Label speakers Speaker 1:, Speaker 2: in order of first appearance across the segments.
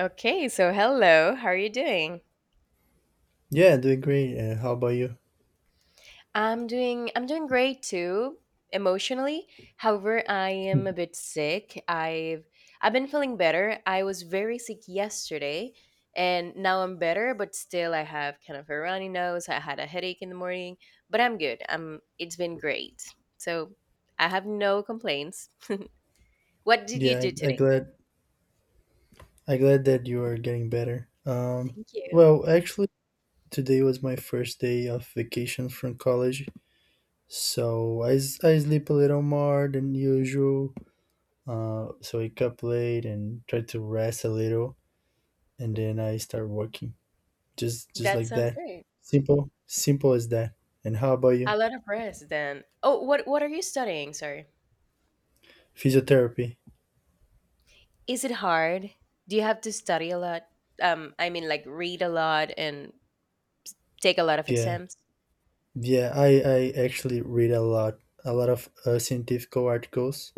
Speaker 1: Okay, so hello. How are you doing?
Speaker 2: Yeah, doing great. How about you?
Speaker 1: I'm doing great too emotionally. However, I am a bit sick. I've been feeling better. I was very sick yesterday and now I'm better, but still I have kind of a runny nose. I had a headache in the morning, but I'm good. I'm it's been great. So, I have no complaints. What did you
Speaker 2: Yeah,
Speaker 1: do today?
Speaker 2: I glad that you are getting better. Um,
Speaker 1: Thank you.
Speaker 2: well, actually, today was my first day of vacation from college, so I sleep a little more than usual. So I up late and try to rest a little, and then I start working. Just
Speaker 1: That
Speaker 2: like
Speaker 1: sounds
Speaker 2: that.
Speaker 1: great.
Speaker 2: Simple as that. And how about
Speaker 1: A
Speaker 2: you?
Speaker 1: lot of rest then. Oh, what are you studying? Sorry.
Speaker 2: Physiotherapy.
Speaker 1: Is it hard? Do you have to study a lot? I mean, like, read a lot and take a lot of
Speaker 2: Yeah,
Speaker 1: exams?
Speaker 2: yeah. I actually read a lot of scientific articles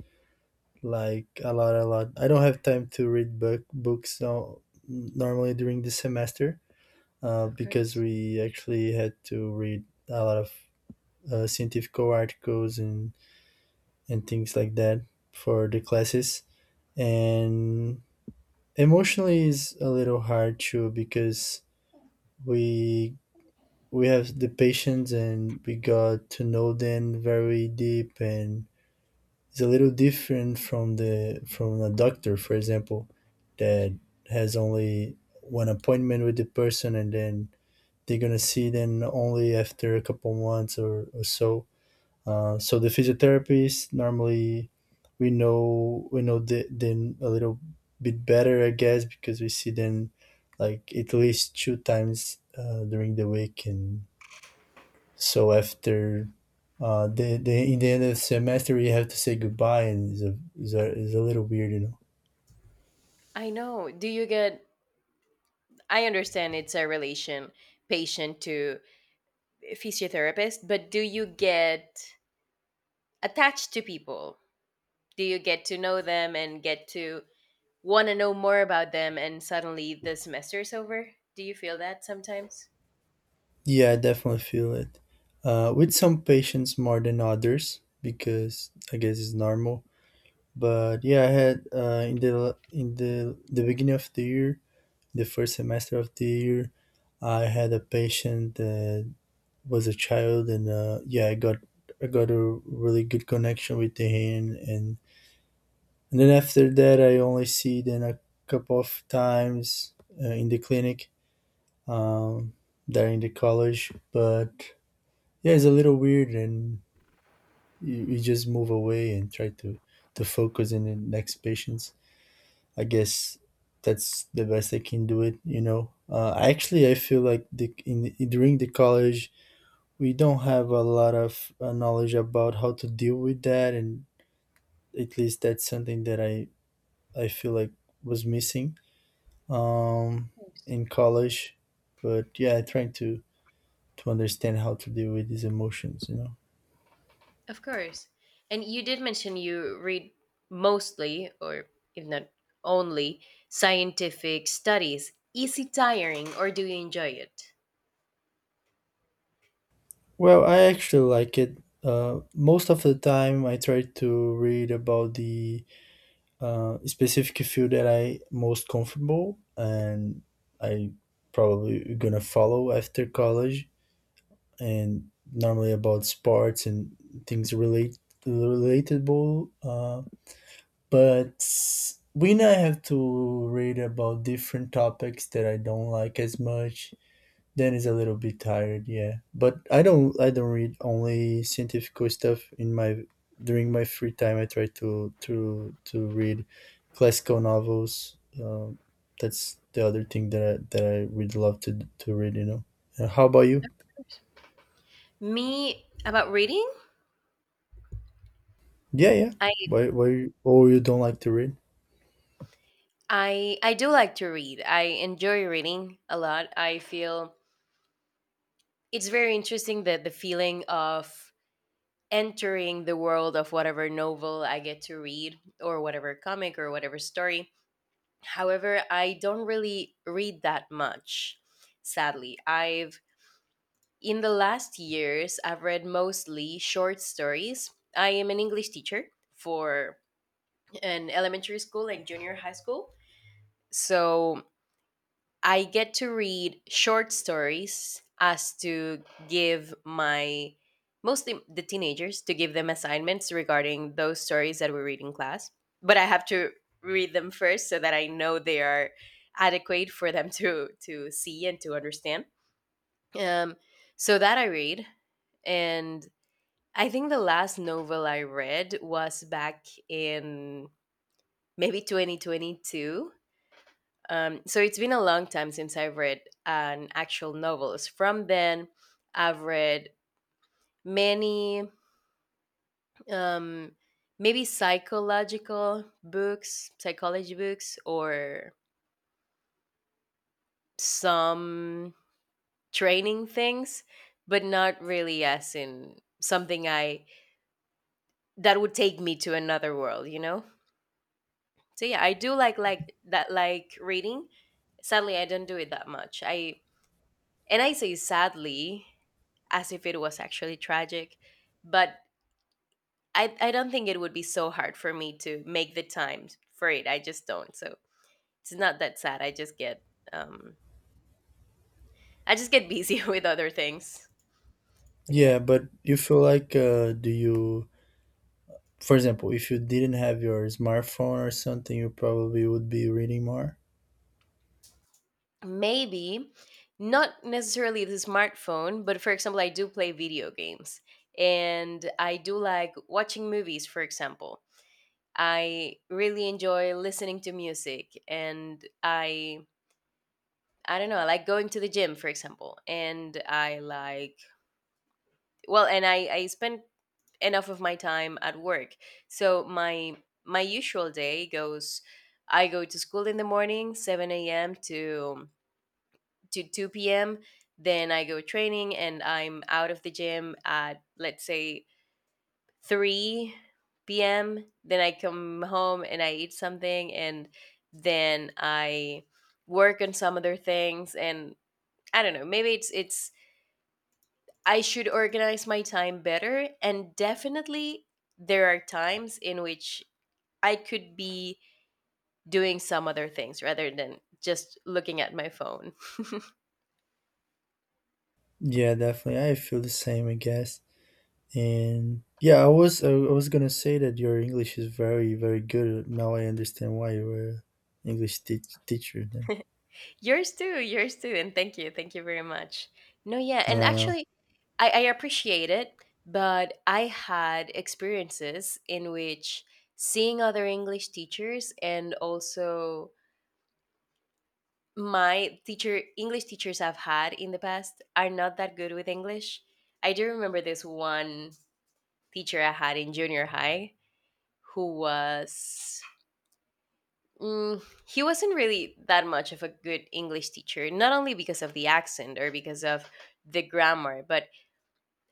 Speaker 2: like a lot. I don't have time to read book books no, normally during the semester,
Speaker 1: Of
Speaker 2: because
Speaker 1: course.
Speaker 2: we actually had to read a lot of scientific articles and things like that for the classes. And emotionally is a little hard too because we we have the patients and we got to know them very deep and is a little different from the from a doctor, for example, that has only one appointment with the person and then they're gonna see them only after a couple months or so. So the physiotherapist normally we know them a little bit better, I guess, because we see them like at least two times during the week, and so after the in the end of the semester you have to say goodbye, and it's a little weird,
Speaker 1: I know. Do you get, I understand it's a relation patient to physiotherapist, but do you get attached to people? Do you get to know them and get to want to know more about them and suddenly the semester is over? Do you feel that sometimes?
Speaker 2: yeah I definitely feel it with some patients more than others because I guess it's normal, but yeah, I had in the beginning of the year, the first semester of the year, I had a patient that was a child, and yeah, I got a really good connection with him, and then after that I only see them a couple of times in the clinic, um, there the college. But yeah, it's a little weird, and you just move away and try to focus in the next patients, I guess. That's the best I can do it, actually I feel like the in during the college we don't have a lot of knowledge about how to deal with that, and at least that's something that I feel like was missing um,
Speaker 1: Yes.
Speaker 2: in college. But yeah, trying to understand how to deal with these emotions, you know.
Speaker 1: Of course. And you did mention you read mostly, or if not only, scientific studies. Is it tiring or do you enjoy it?
Speaker 2: Well, I actually like it. Most of the time, I try to read about the specific field that I most comfortable and I probably gonna follow after college, and normally about sports and things relate relatable, but when I have to read about different topics that I don't like as much, then it's a little bit tired, yeah. But I don't read only scientific stuff in my during my free time. I try to read classical novels. That's the other thing that I would love to read, you know. How about you?
Speaker 1: Me about reading?
Speaker 2: Yeah.
Speaker 1: I
Speaker 2: Why or you don't like to read?
Speaker 1: I I do like to read. I enjoy reading a lot. I feel it's very interesting, that the feeling of entering the world of whatever novel I get to read or whatever comic or whatever story. However, I don't really read that much, sadly. I've, in the last years, I've read mostly short stories. I am an English teacher for an elementary school and junior high school. So I get to read short stories as to give my, mostly the teenagers, to give them assignments regarding those stories that we read in class. But I have to read them first so that I know they are adequate for them to see and to understand. Um, so that I read, and I think the last novel I read was back in maybe 2022. So it's been a long time since I've read an actual novels. From then, I've read many, um, maybe psychological books, psychology books, or some training things, but not really as in something I that would take me to another world, you know. So yeah, I do like that, like reading. Sadly, I don't do it that much. I and I say sadly, as if it was actually tragic, but I don't think it would be so hard for me to make the time for it. I just don't. So it's not that sad. Um I just get busy with other things. But yeah.
Speaker 2: Yeah, but you feel like, do you, for example, if you didn't have your smartphone or something, you probably would be reading more.
Speaker 1: Maybe not necessarily the smartphone, but for example, I do play video games and I do like watching movies, for example. I really enjoy listening to music and I don't know, I like going to the gym, for example, and I like, well, and I spend enough of my time at work. So my usual day goes, I go to school in the morning, 7 a.m. To 2 p.m. Then I go training and I'm out of the gym at let's say 3 p.m. Then I come home and I eat something, and then I work on some other things, and I don't know, maybe it's I should organize my time better. And definitely, there are times in which I could be doing some other things rather than just looking at my phone.
Speaker 2: Yeah, definitely. I feel the same, I guess. And yeah, I was gonna say that your English is very very good. Now I understand why you were English teacher. Then.
Speaker 1: Yours too, yours too. And thank you very much. No, yeah.
Speaker 2: I
Speaker 1: And
Speaker 2: don't know.
Speaker 1: actually, I appreciate it, but I had experiences in which seeing other English teachers, and also my teacher, english teachers I've had in the past are not that good with english. I do remember this one teacher I had in junior high who was, mm, he wasn't really that much of a good english teacher, not only because of the accent or because of the grammar, but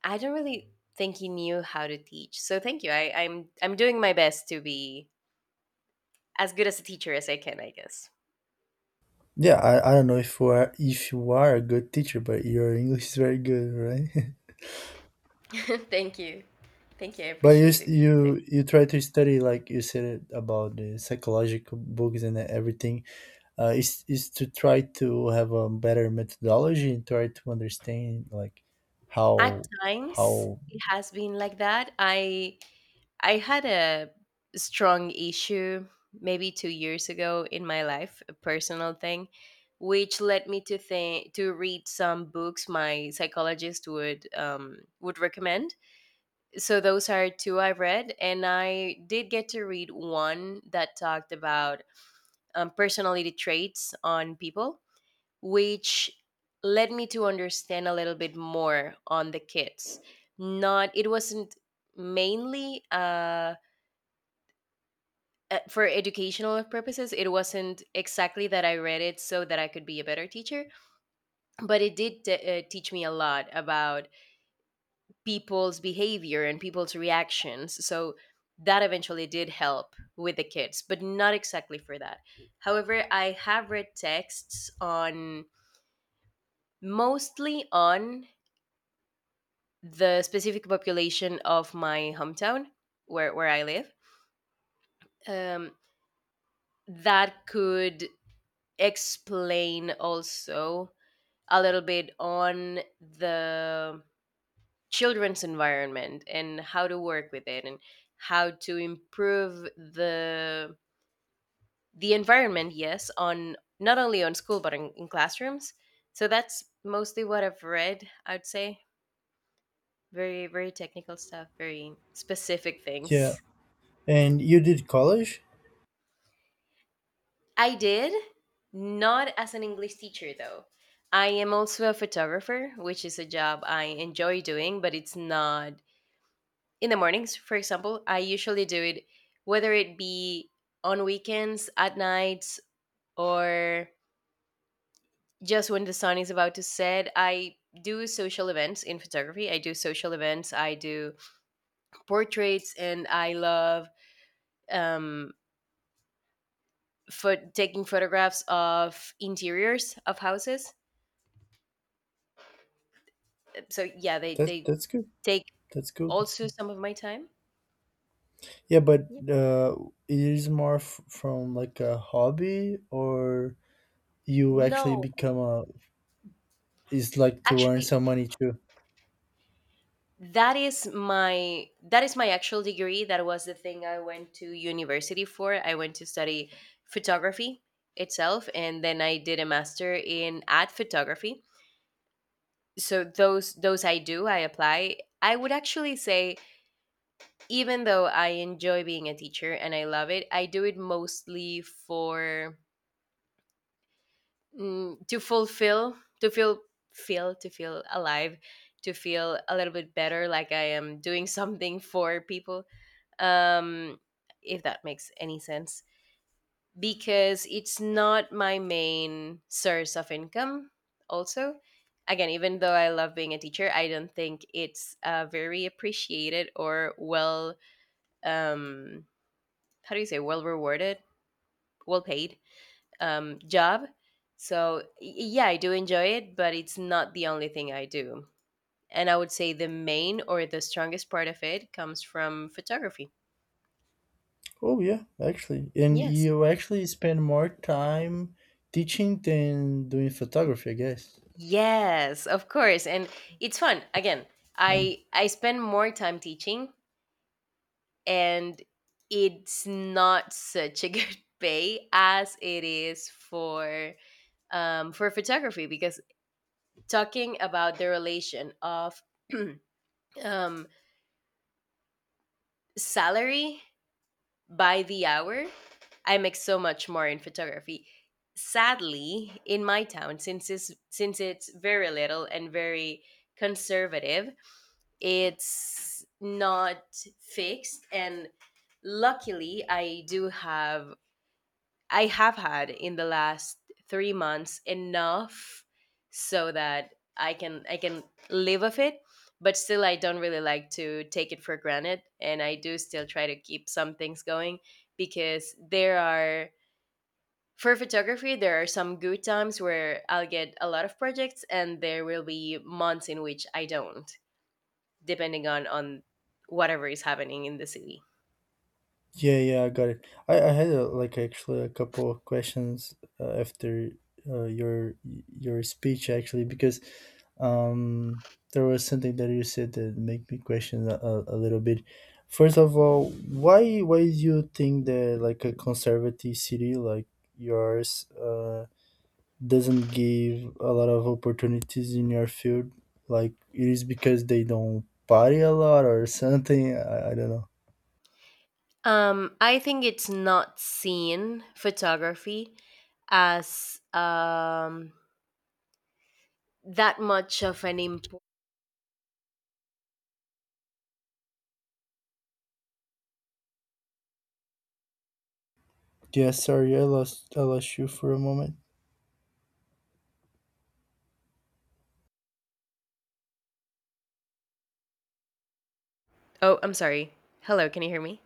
Speaker 1: I don't really think he knew how to teach. So thank you. I'm doing my best to be as good as a teacher as I can, I guess.
Speaker 2: Yeah, I don't know if you are a good teacher, but your English is very good, right?
Speaker 1: Thank you, thank you, I
Speaker 2: But
Speaker 1: appreciate
Speaker 2: you
Speaker 1: it.
Speaker 2: you try to study like you said it about the psychological books and everything, is is to try to have a better methodology and try to understand like how.
Speaker 1: At
Speaker 2: how
Speaker 1: times it has been like that. I had a strong issue maybe 2 years ago in my life, a personal thing, which led me to think to read some books my psychologist would recommend. So those are two I've read, and I did get to read one that talked about personality traits on people, which led me to understand a little bit more on the kids. Not, it wasn't mainly for educational purposes, it wasn't exactly that I read it so that I could be a better teacher, but it did teach me a lot about people's behavior and people's reactions. So that eventually did help with the kids, but not exactly for that. However, I have read texts on, mostly on, the specific population of my hometown, where I live. Um, that could explain also a little bit on the children's environment and how to work with it, and how to improve the environment. Yes, on not only on school, but in classrooms. So that's mostly what I've read, I'd say. Very, very technical stuff, very specific
Speaker 2: yeah.
Speaker 1: things.
Speaker 2: And you did college?
Speaker 1: I did, not as an English teacher though. I am also a photographer, which is a job I enjoy doing, but it's not in the mornings, for example. I usually do it whether it be on weekends, at nights, or just when the sun is about to set. I do social events in photography. I do social events, I do portraits, and I love um, for taking photographs of interiors of houses. So yeah,
Speaker 2: That
Speaker 1: they
Speaker 2: that's good.
Speaker 1: take
Speaker 2: That's good. That's
Speaker 1: also
Speaker 2: good.
Speaker 1: some of my time.
Speaker 2: Yeah, but
Speaker 1: Yeah.
Speaker 2: it is more from like a hobby or you actually
Speaker 1: No,
Speaker 2: become a is like to earn
Speaker 1: actually,
Speaker 2: some money too.
Speaker 1: that is my actual degree. That was the thing I went to university for. I went to study photography itself, and then I did a master in ad photography. So those I do, I apply. I would actually say, even though I enjoy being a teacher and I love it, I do it mostly for to fulfill to feel feel to feel alive, to feel a little bit better, like I am doing something for people, um if that makes any sense. Because it's not my main source of income. Also, again, even though I love being a teacher, I don't think it's very appreciated or well, um how do you say, well rewarded, well paid, job. So, yeah, I do enjoy it, but it's not the only thing I do. And I would say the main or the strongest part of it comes from photography.
Speaker 2: Oh yeah, actually, and
Speaker 1: Yes.
Speaker 2: you actually spend more time teaching than doing photography, I guess.
Speaker 1: Yes, of course. And it's fun. Again,
Speaker 2: Funny.
Speaker 1: I spend more time teaching, and it's not such a good pay as it is for photography. Because talking about the relation of um salary by the hour, I make so much more in photography. Sadly, in my town, since it's very little and very conservative, it's not fixed. And luckily, I have had in the last 3 months enough, so that I can live off it, but still I don't really like to take it for granted, and I do still try to keep some things going, because there are, for photography, there are some good times where I'll get a lot of projects, and there will be months in which I don't, depending on whatever is happening in the city.
Speaker 2: Yeah, yeah, I got it. I had like actually a couple of questions after uh, your your speech actually, because um there was something that you said that made me question a little bit. First of all, why do you think that like a conservative city like yours doesn't give a lot of opportunities in your field? Like, it is because they don't party a lot or something, I don't know.
Speaker 1: I think it's not seen photography as that much of an import.
Speaker 2: Yeah, sorry, I lost you for a moment.
Speaker 1: Oh, I'm sorry. Hello, can you hear me?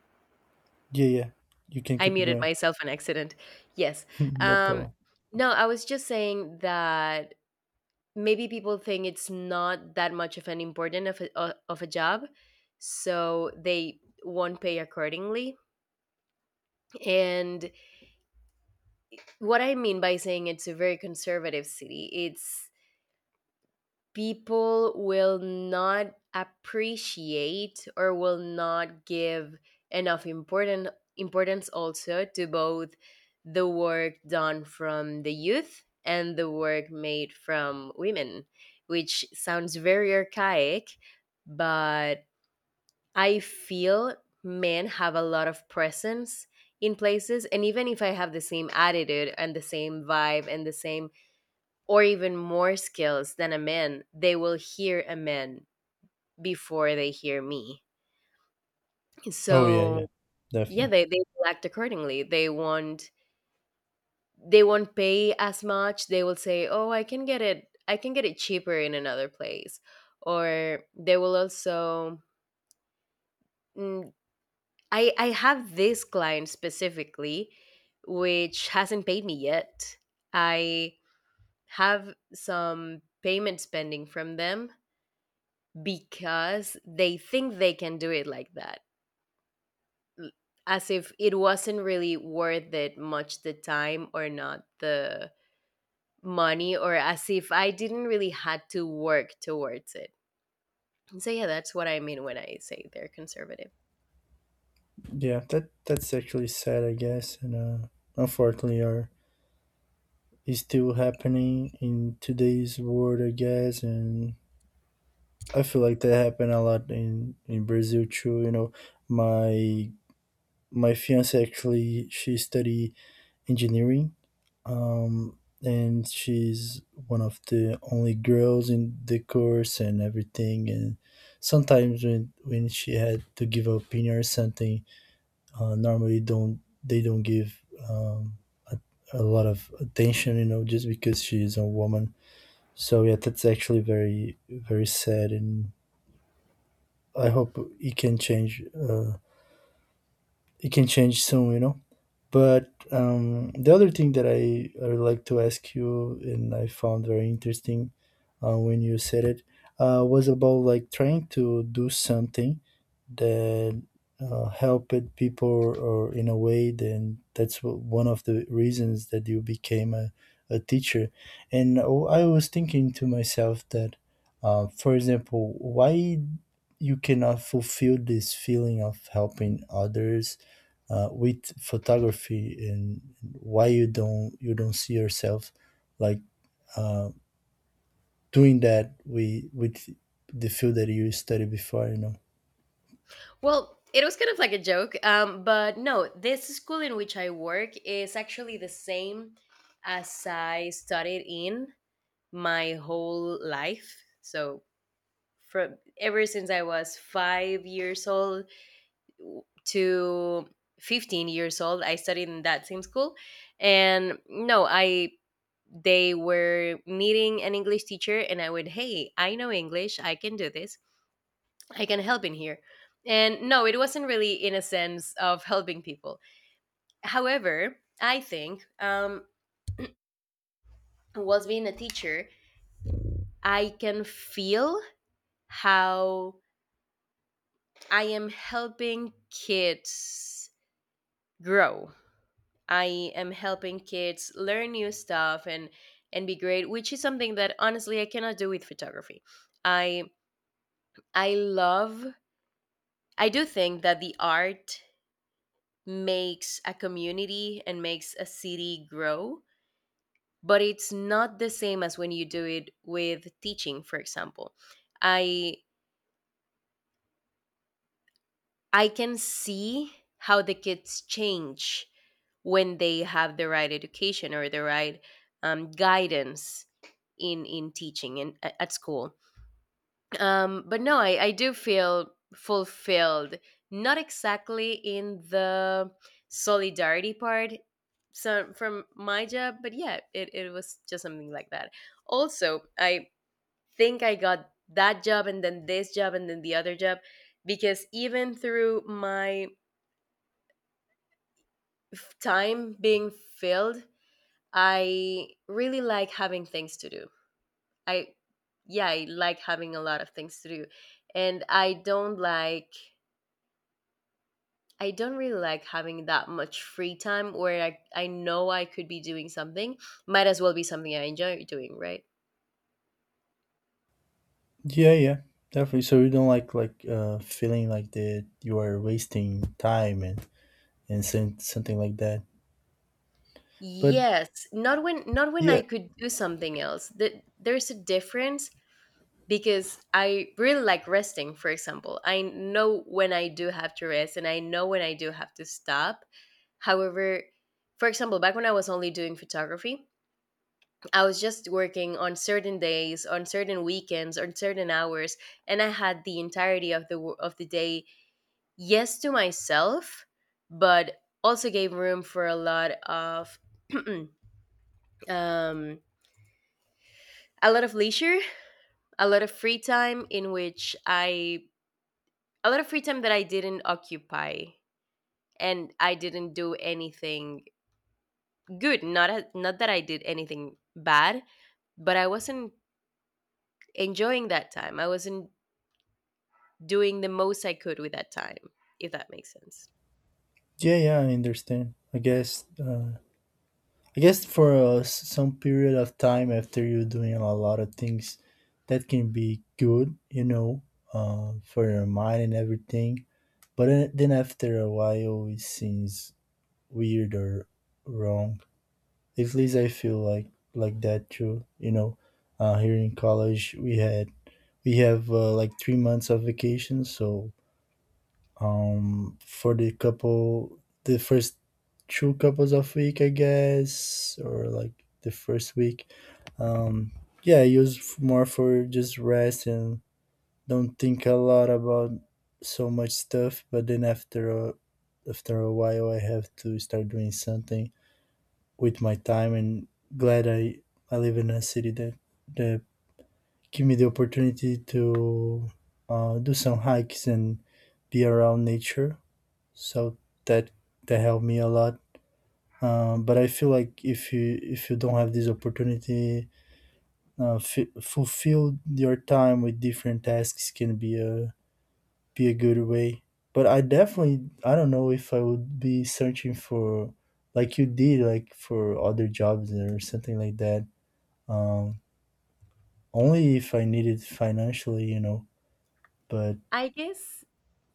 Speaker 2: Yeah, yeah, you can
Speaker 1: I
Speaker 2: keep it
Speaker 1: muted
Speaker 2: going.
Speaker 1: myself on accident. Yes.
Speaker 2: No
Speaker 1: Um,
Speaker 2: problem.
Speaker 1: no, I was just saying that maybe people think it's not that much of an important of a, of a job, so they won't pay accordingly. And what I mean by saying it's a very conservative city, it's people will not appreciate or will not give enough important importance also to both the work done from the youth and the work made from women, which sounds very archaic, but I feel men have a lot of presence in places, and even if I have the same attitude and the same vibe and the same, or even more skills than a man, they will hear a man before they hear me.
Speaker 2: Oh yeah,
Speaker 1: So
Speaker 2: yeah,
Speaker 1: yeah,
Speaker 2: definitely.
Speaker 1: they will act accordingly. They won't, they won't pay as much. They will say, "Oh, I can get it cheaper in another place." Or they will also mm, I have this client specifically which hasn't paid me yet. I have some payment spending from them because they think they can do it like that, as if it wasn't really worth it much the time or not the money, or as if I didn't really had to work towards it. So yeah, that's what I mean when I say they're conservative.
Speaker 2: Yeah, that that's actually sad, I guess, and unfortunately, are is still happening in today's world, I guess, and I feel like that happened a lot in Brazil too. You know, my my fiance actually she study engineering, um and she's one of the only girls in the course and everything, and sometimes when she had to give an opinion or something, normally don't they don't give um, a, a lot of attention, you know, just because she is a woman. So yeah, that's actually very very sad, and I hope it can change, it can change soon, you know. But the other thing I would like to ask you, and I found very interesting, when you said it, was about like trying to do something that helped people, or in a way, then that's one of the reasons that you became a, teacher. And oh, I was thinking to myself that, for example, why you cannot fulfill this feeling of helping others with photography, and why you don't see yourself like, uh, doing that with the field that you studied before, you know.
Speaker 1: Well, it was kind of like a joke, but no, this school in which I work is actually the same as I studied in my whole life. So from ever since I was 5 years old to 15 years old, I studied in that same school. And no, I they were needing an English teacher and I would, hey, I know English, I can do this, I can help in here. And no, it wasn't really in a sense of helping people. However, I think, whilst being a teacher, I can feel how I am helping kids grow. I am helping kids learn new stuff, and be great, which is something that honestly I cannot do with photography. I I love I do think that the art makes a community and makes a city grow, but it's not the same as when you do it with teaching, for example. I I can see how the kids change when they have the right education or the right guidance in teaching and at school. But no, I do feel fulfilled. Not exactly in the solidarity part, so from my job, but yeah, it was just something like that. Also, I think I got that job and then this job and then the other job because even through my time being filled, I really like having things to do. I Yeah, I like having a lot of things to do. And I don't really like having that much free time where I know I could be doing something. Might as well be something I enjoy doing, right?
Speaker 2: Yeah, definitely. So you don't like, feeling like that you are wasting time and some- something like that, but
Speaker 1: Yes, not when I
Speaker 2: yeah.
Speaker 1: could do something else. That there's a difference. Because I really like resting, for example. I know when I do have to rest and I know when I do have to stop. However, for example, back when I was only doing photography, I was just working on certain days, on certain weekends, on certain hours, and I had the entirety of the of the day, yes, to myself, but also gave room for a lot of um a lot of leisure, a lot of free time in which I a lot of free time that I didn't occupy, and I didn't do anything good. Not that I did anything bad, but I wasn't enjoying that time. I wasn't doing the most I could with that time, if that makes sense.
Speaker 2: Yeah yeah i understand, I guess. I guess for, some period of time after you're doing a lot of things, that can be good, you know, for your mind and everything. But then after a while, it seems weird or wrong. At least I feel like that too. You know, here in college, we have, like 3 months of vacation, so for the couple, the first two couples of week, I guess, or like the first week. Um, yeah, I use more for just rest and don't think a lot about so much stuff. But then after after a while, I have to start doing something with my time. And glad I live in a city that that give me the opportunity to, do some hikes and be around nature, so that that helped me a lot. But I feel like if you don't have this opportunity, fulfill your time with different tasks can be a good way. But I definitely I don't know if I would be searching for, like you did, like for other jobs or something like that. Um, Only if I needed financially, you know. But
Speaker 1: I guess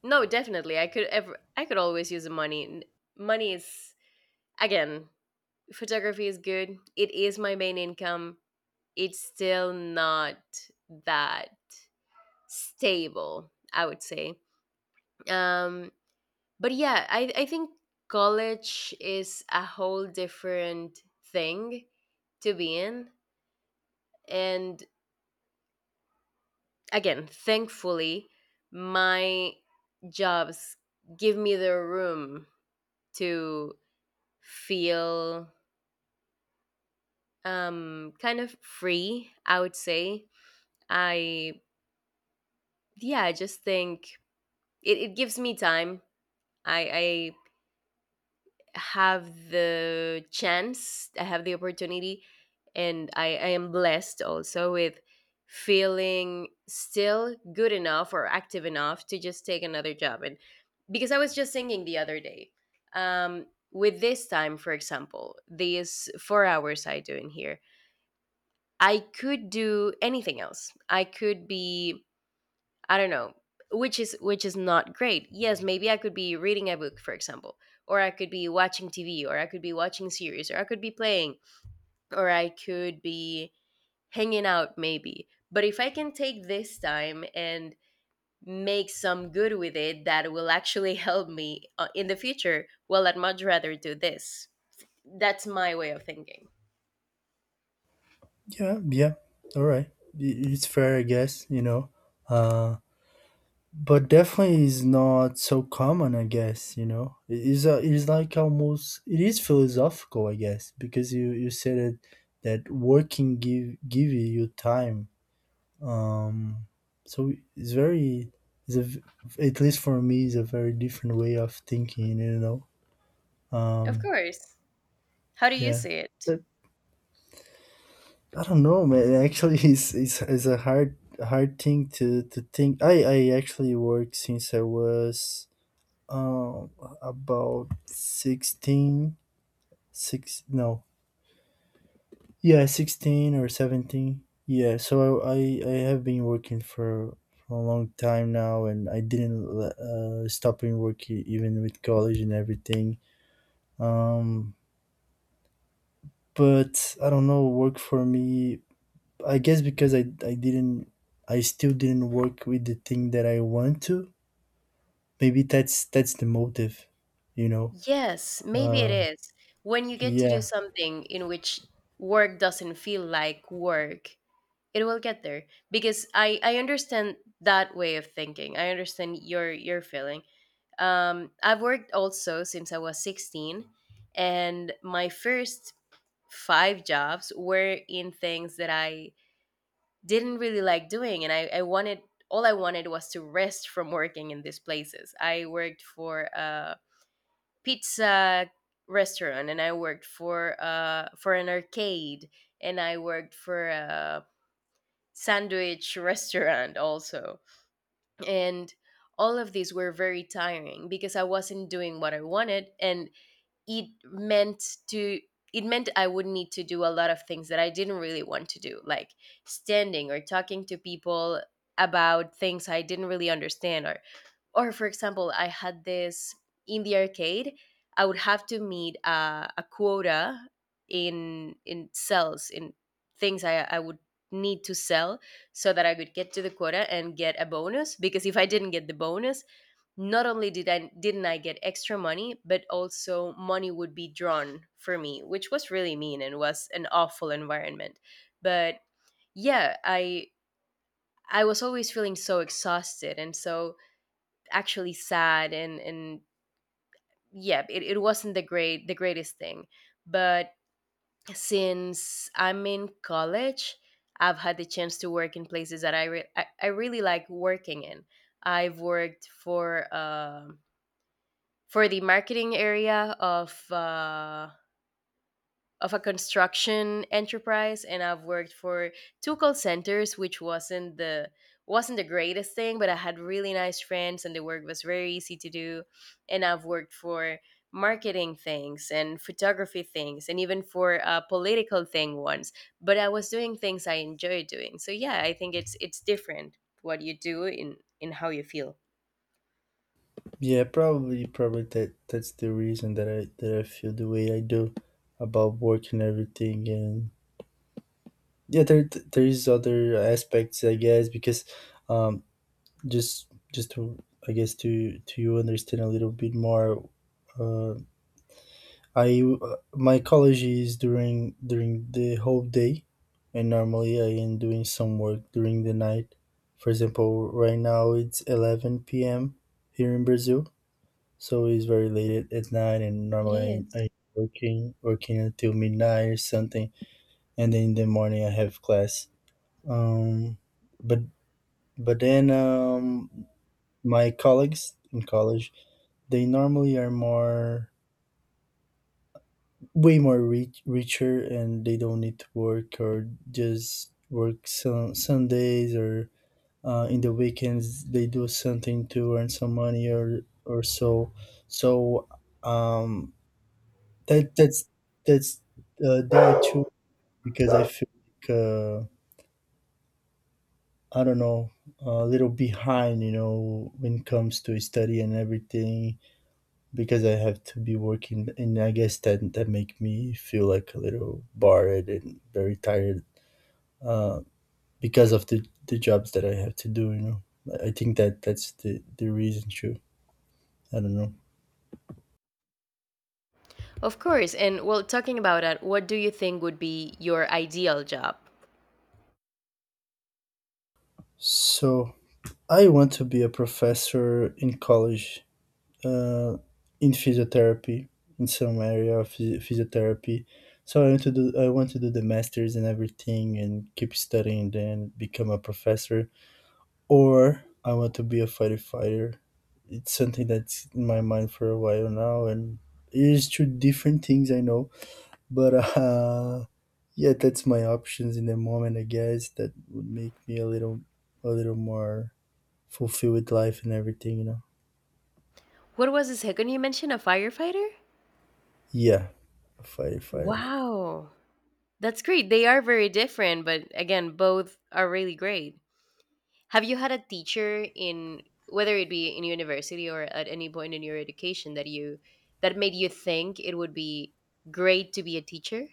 Speaker 1: no, definitely. I could always use the money. Money is, again, photography is good. It is my main income. It's still not that stable, I would say. Um but yeah, I think college is a whole different thing to be in. And again, thankfully, my jobs give me the room to feel kind of free, I would say. I Yeah, I just think it gives me time. I have the chance, I have the opportunity, and I am blessed also with feeling still good enough or active enough to just take another job. And because I was just singing the other day, um, with this time, for example, these 4 hours I do in here, I could do anything else. I could be I don't know, which is not great. Yes, maybe I could be reading a book, for example, or I could be watching TV, or I could be watching series, or I could be playing, or I could be hanging out maybe. But if I can take this time and make some good with it that will actually help me in the future, well, I'd much rather do this. That's my way of thinking.
Speaker 2: yeah, yeah, all right, I- it's fair, I guess, you know. Uh, but definitely is not so common, I guess, you know. It is a, it is like almost it is philosophical, I guess, because you said it that working give you time, um so it's very it's a v- at least for me is a very different way of thinking, you know.
Speaker 1: Of
Speaker 2: um
Speaker 1: course. How do you
Speaker 2: yeah
Speaker 1: see it?
Speaker 2: but I don't know man, actually, it's a hard thing to think. I actually work since I was um about 16, six. No yeah 16 or 17, yeah, so I have been working for, a long time now, and I didn't stop in work even with college and everything. um but I don't know, work for me, I guess, because i didn't I still didn't work with the thing that I want to, maybe that's the motive, you know.
Speaker 1: Yes, maybe it
Speaker 2: uh
Speaker 1: is. When you get to do
Speaker 2: yeah
Speaker 1: something in which work doesn't feel like work, it will get there. Because I understand that way of thinking. I understand your feeling. I've worked also since I was 16, and my first five jobs were in things that I didn't really like doing, and I wanted all I wanted was to rest from working in these places. I worked for pizza restaurant, and I worked for an arcade, and I worked for a sandwich restaurant also. And all of these were very tiring because I wasn't doing what I wanted, and it meant to it meant I would need to do a lot of things that I didn't really want to do, like standing or talking to people about things I didn't really understand. Or, for example, I had this in the arcade. I would have to meet a quota in sales, in things I would need to sell, so that I could get to the quota and get a bonus. Because if I didn't get the bonus, not only did I didn't I get extra money, but also money would be drawn for me, which was really mean and was an awful environment. But yeah, I was always feeling so exhausted and so actually sad. And Yeah, it wasn't the greatest thing. But since I'm in college, I've had the chance to work in places that I really like working in. I've worked for the marketing area of a construction enterprise, and I've worked for two call centers, which wasn't the greatest thing, but I had really nice friends and the work was very easy to do. And I've worked for marketing things and photography things, and even for a political thing once, but I was doing things I enjoy doing. So yeah, I think it's different what you do in how you feel.
Speaker 2: Yeah, probably, probably that that's the reason that I feel the way I do about work and everything. And yeah, there is other aspects, I guess, because um, just to I guess to you understand a little bit more. Uh, I My college is during the whole day, and normally I am doing some work during the night. For example, right now it's 11 p.m. here in Brazil. So it's very late at night, and
Speaker 1: It
Speaker 2: normally
Speaker 1: is,
Speaker 2: I working until midnight or something, and then in the morning I have class. Um, but but then, my colleagues in college they normally are more way more rich, richer, and they don't need to work, or just work some Sundays, or in the weekends they do something to earn some money or so. So um That that's that's that too, because I feel like I don't know, a little behind, you know, when it comes to study and everything, because I have to be working, and I guess that that make me feel like a little barred and very tired, uh, because of the jobs that I have to do, you know. I think that that's the reason too. I don't know.
Speaker 1: of course. And, well, talking about that, what do you think would be your ideal job?
Speaker 2: So I want to be a professor in college, uh, in physiotherapy, in some area of physiotherapy. So I want to do I want to do the masters and everything and keep studying, then become a professor. Or I want to be a fighter. It's something that's in my mind for a while now, and it's two different things, I know, but yeah, that's my options in the moment. I guess that would make me a little more fulfilled with life and everything, you know.
Speaker 1: What was the second you mentioned? A firefighter?
Speaker 2: Yeah, a fighter.
Speaker 1: Wow. That's great. They are very different, but again, both are really great. Have you had a teacher in, whether it be in university or at any point in your education, that made you think it would be great to be a teacher?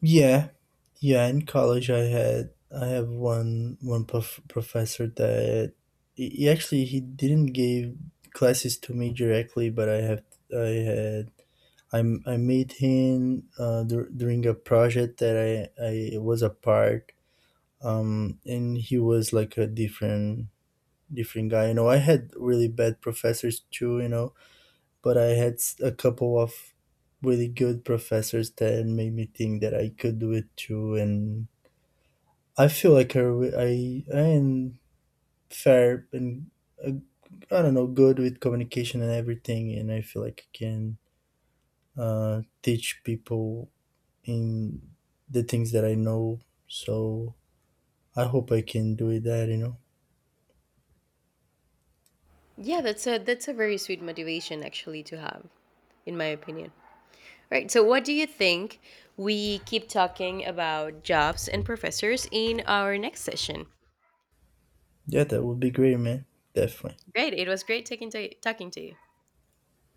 Speaker 2: Yeah. Yeah, in college I have one professor that he actually he didn't give classes to me directly, but I had I made him during a project that I was a part, and he was like a different guy. You know, I had really bad professors too, you know, but I had a couple of really good professors that made me think that I could do it too. And I feel like I, I am fair and, uh, I don't know, good with communication and everything, and I feel like I can, teach people in the things that I know. So I hope I can do it that, you know.
Speaker 1: Yeah, that's a very sweet motivation actually to have, in my opinion. Right. So, what do you think? We keep talking about jobs and professors in our next session.
Speaker 2: Yeah, that would be great, man. Definitely.
Speaker 1: Great. It was great taking to talking to you.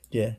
Speaker 2: Yeah.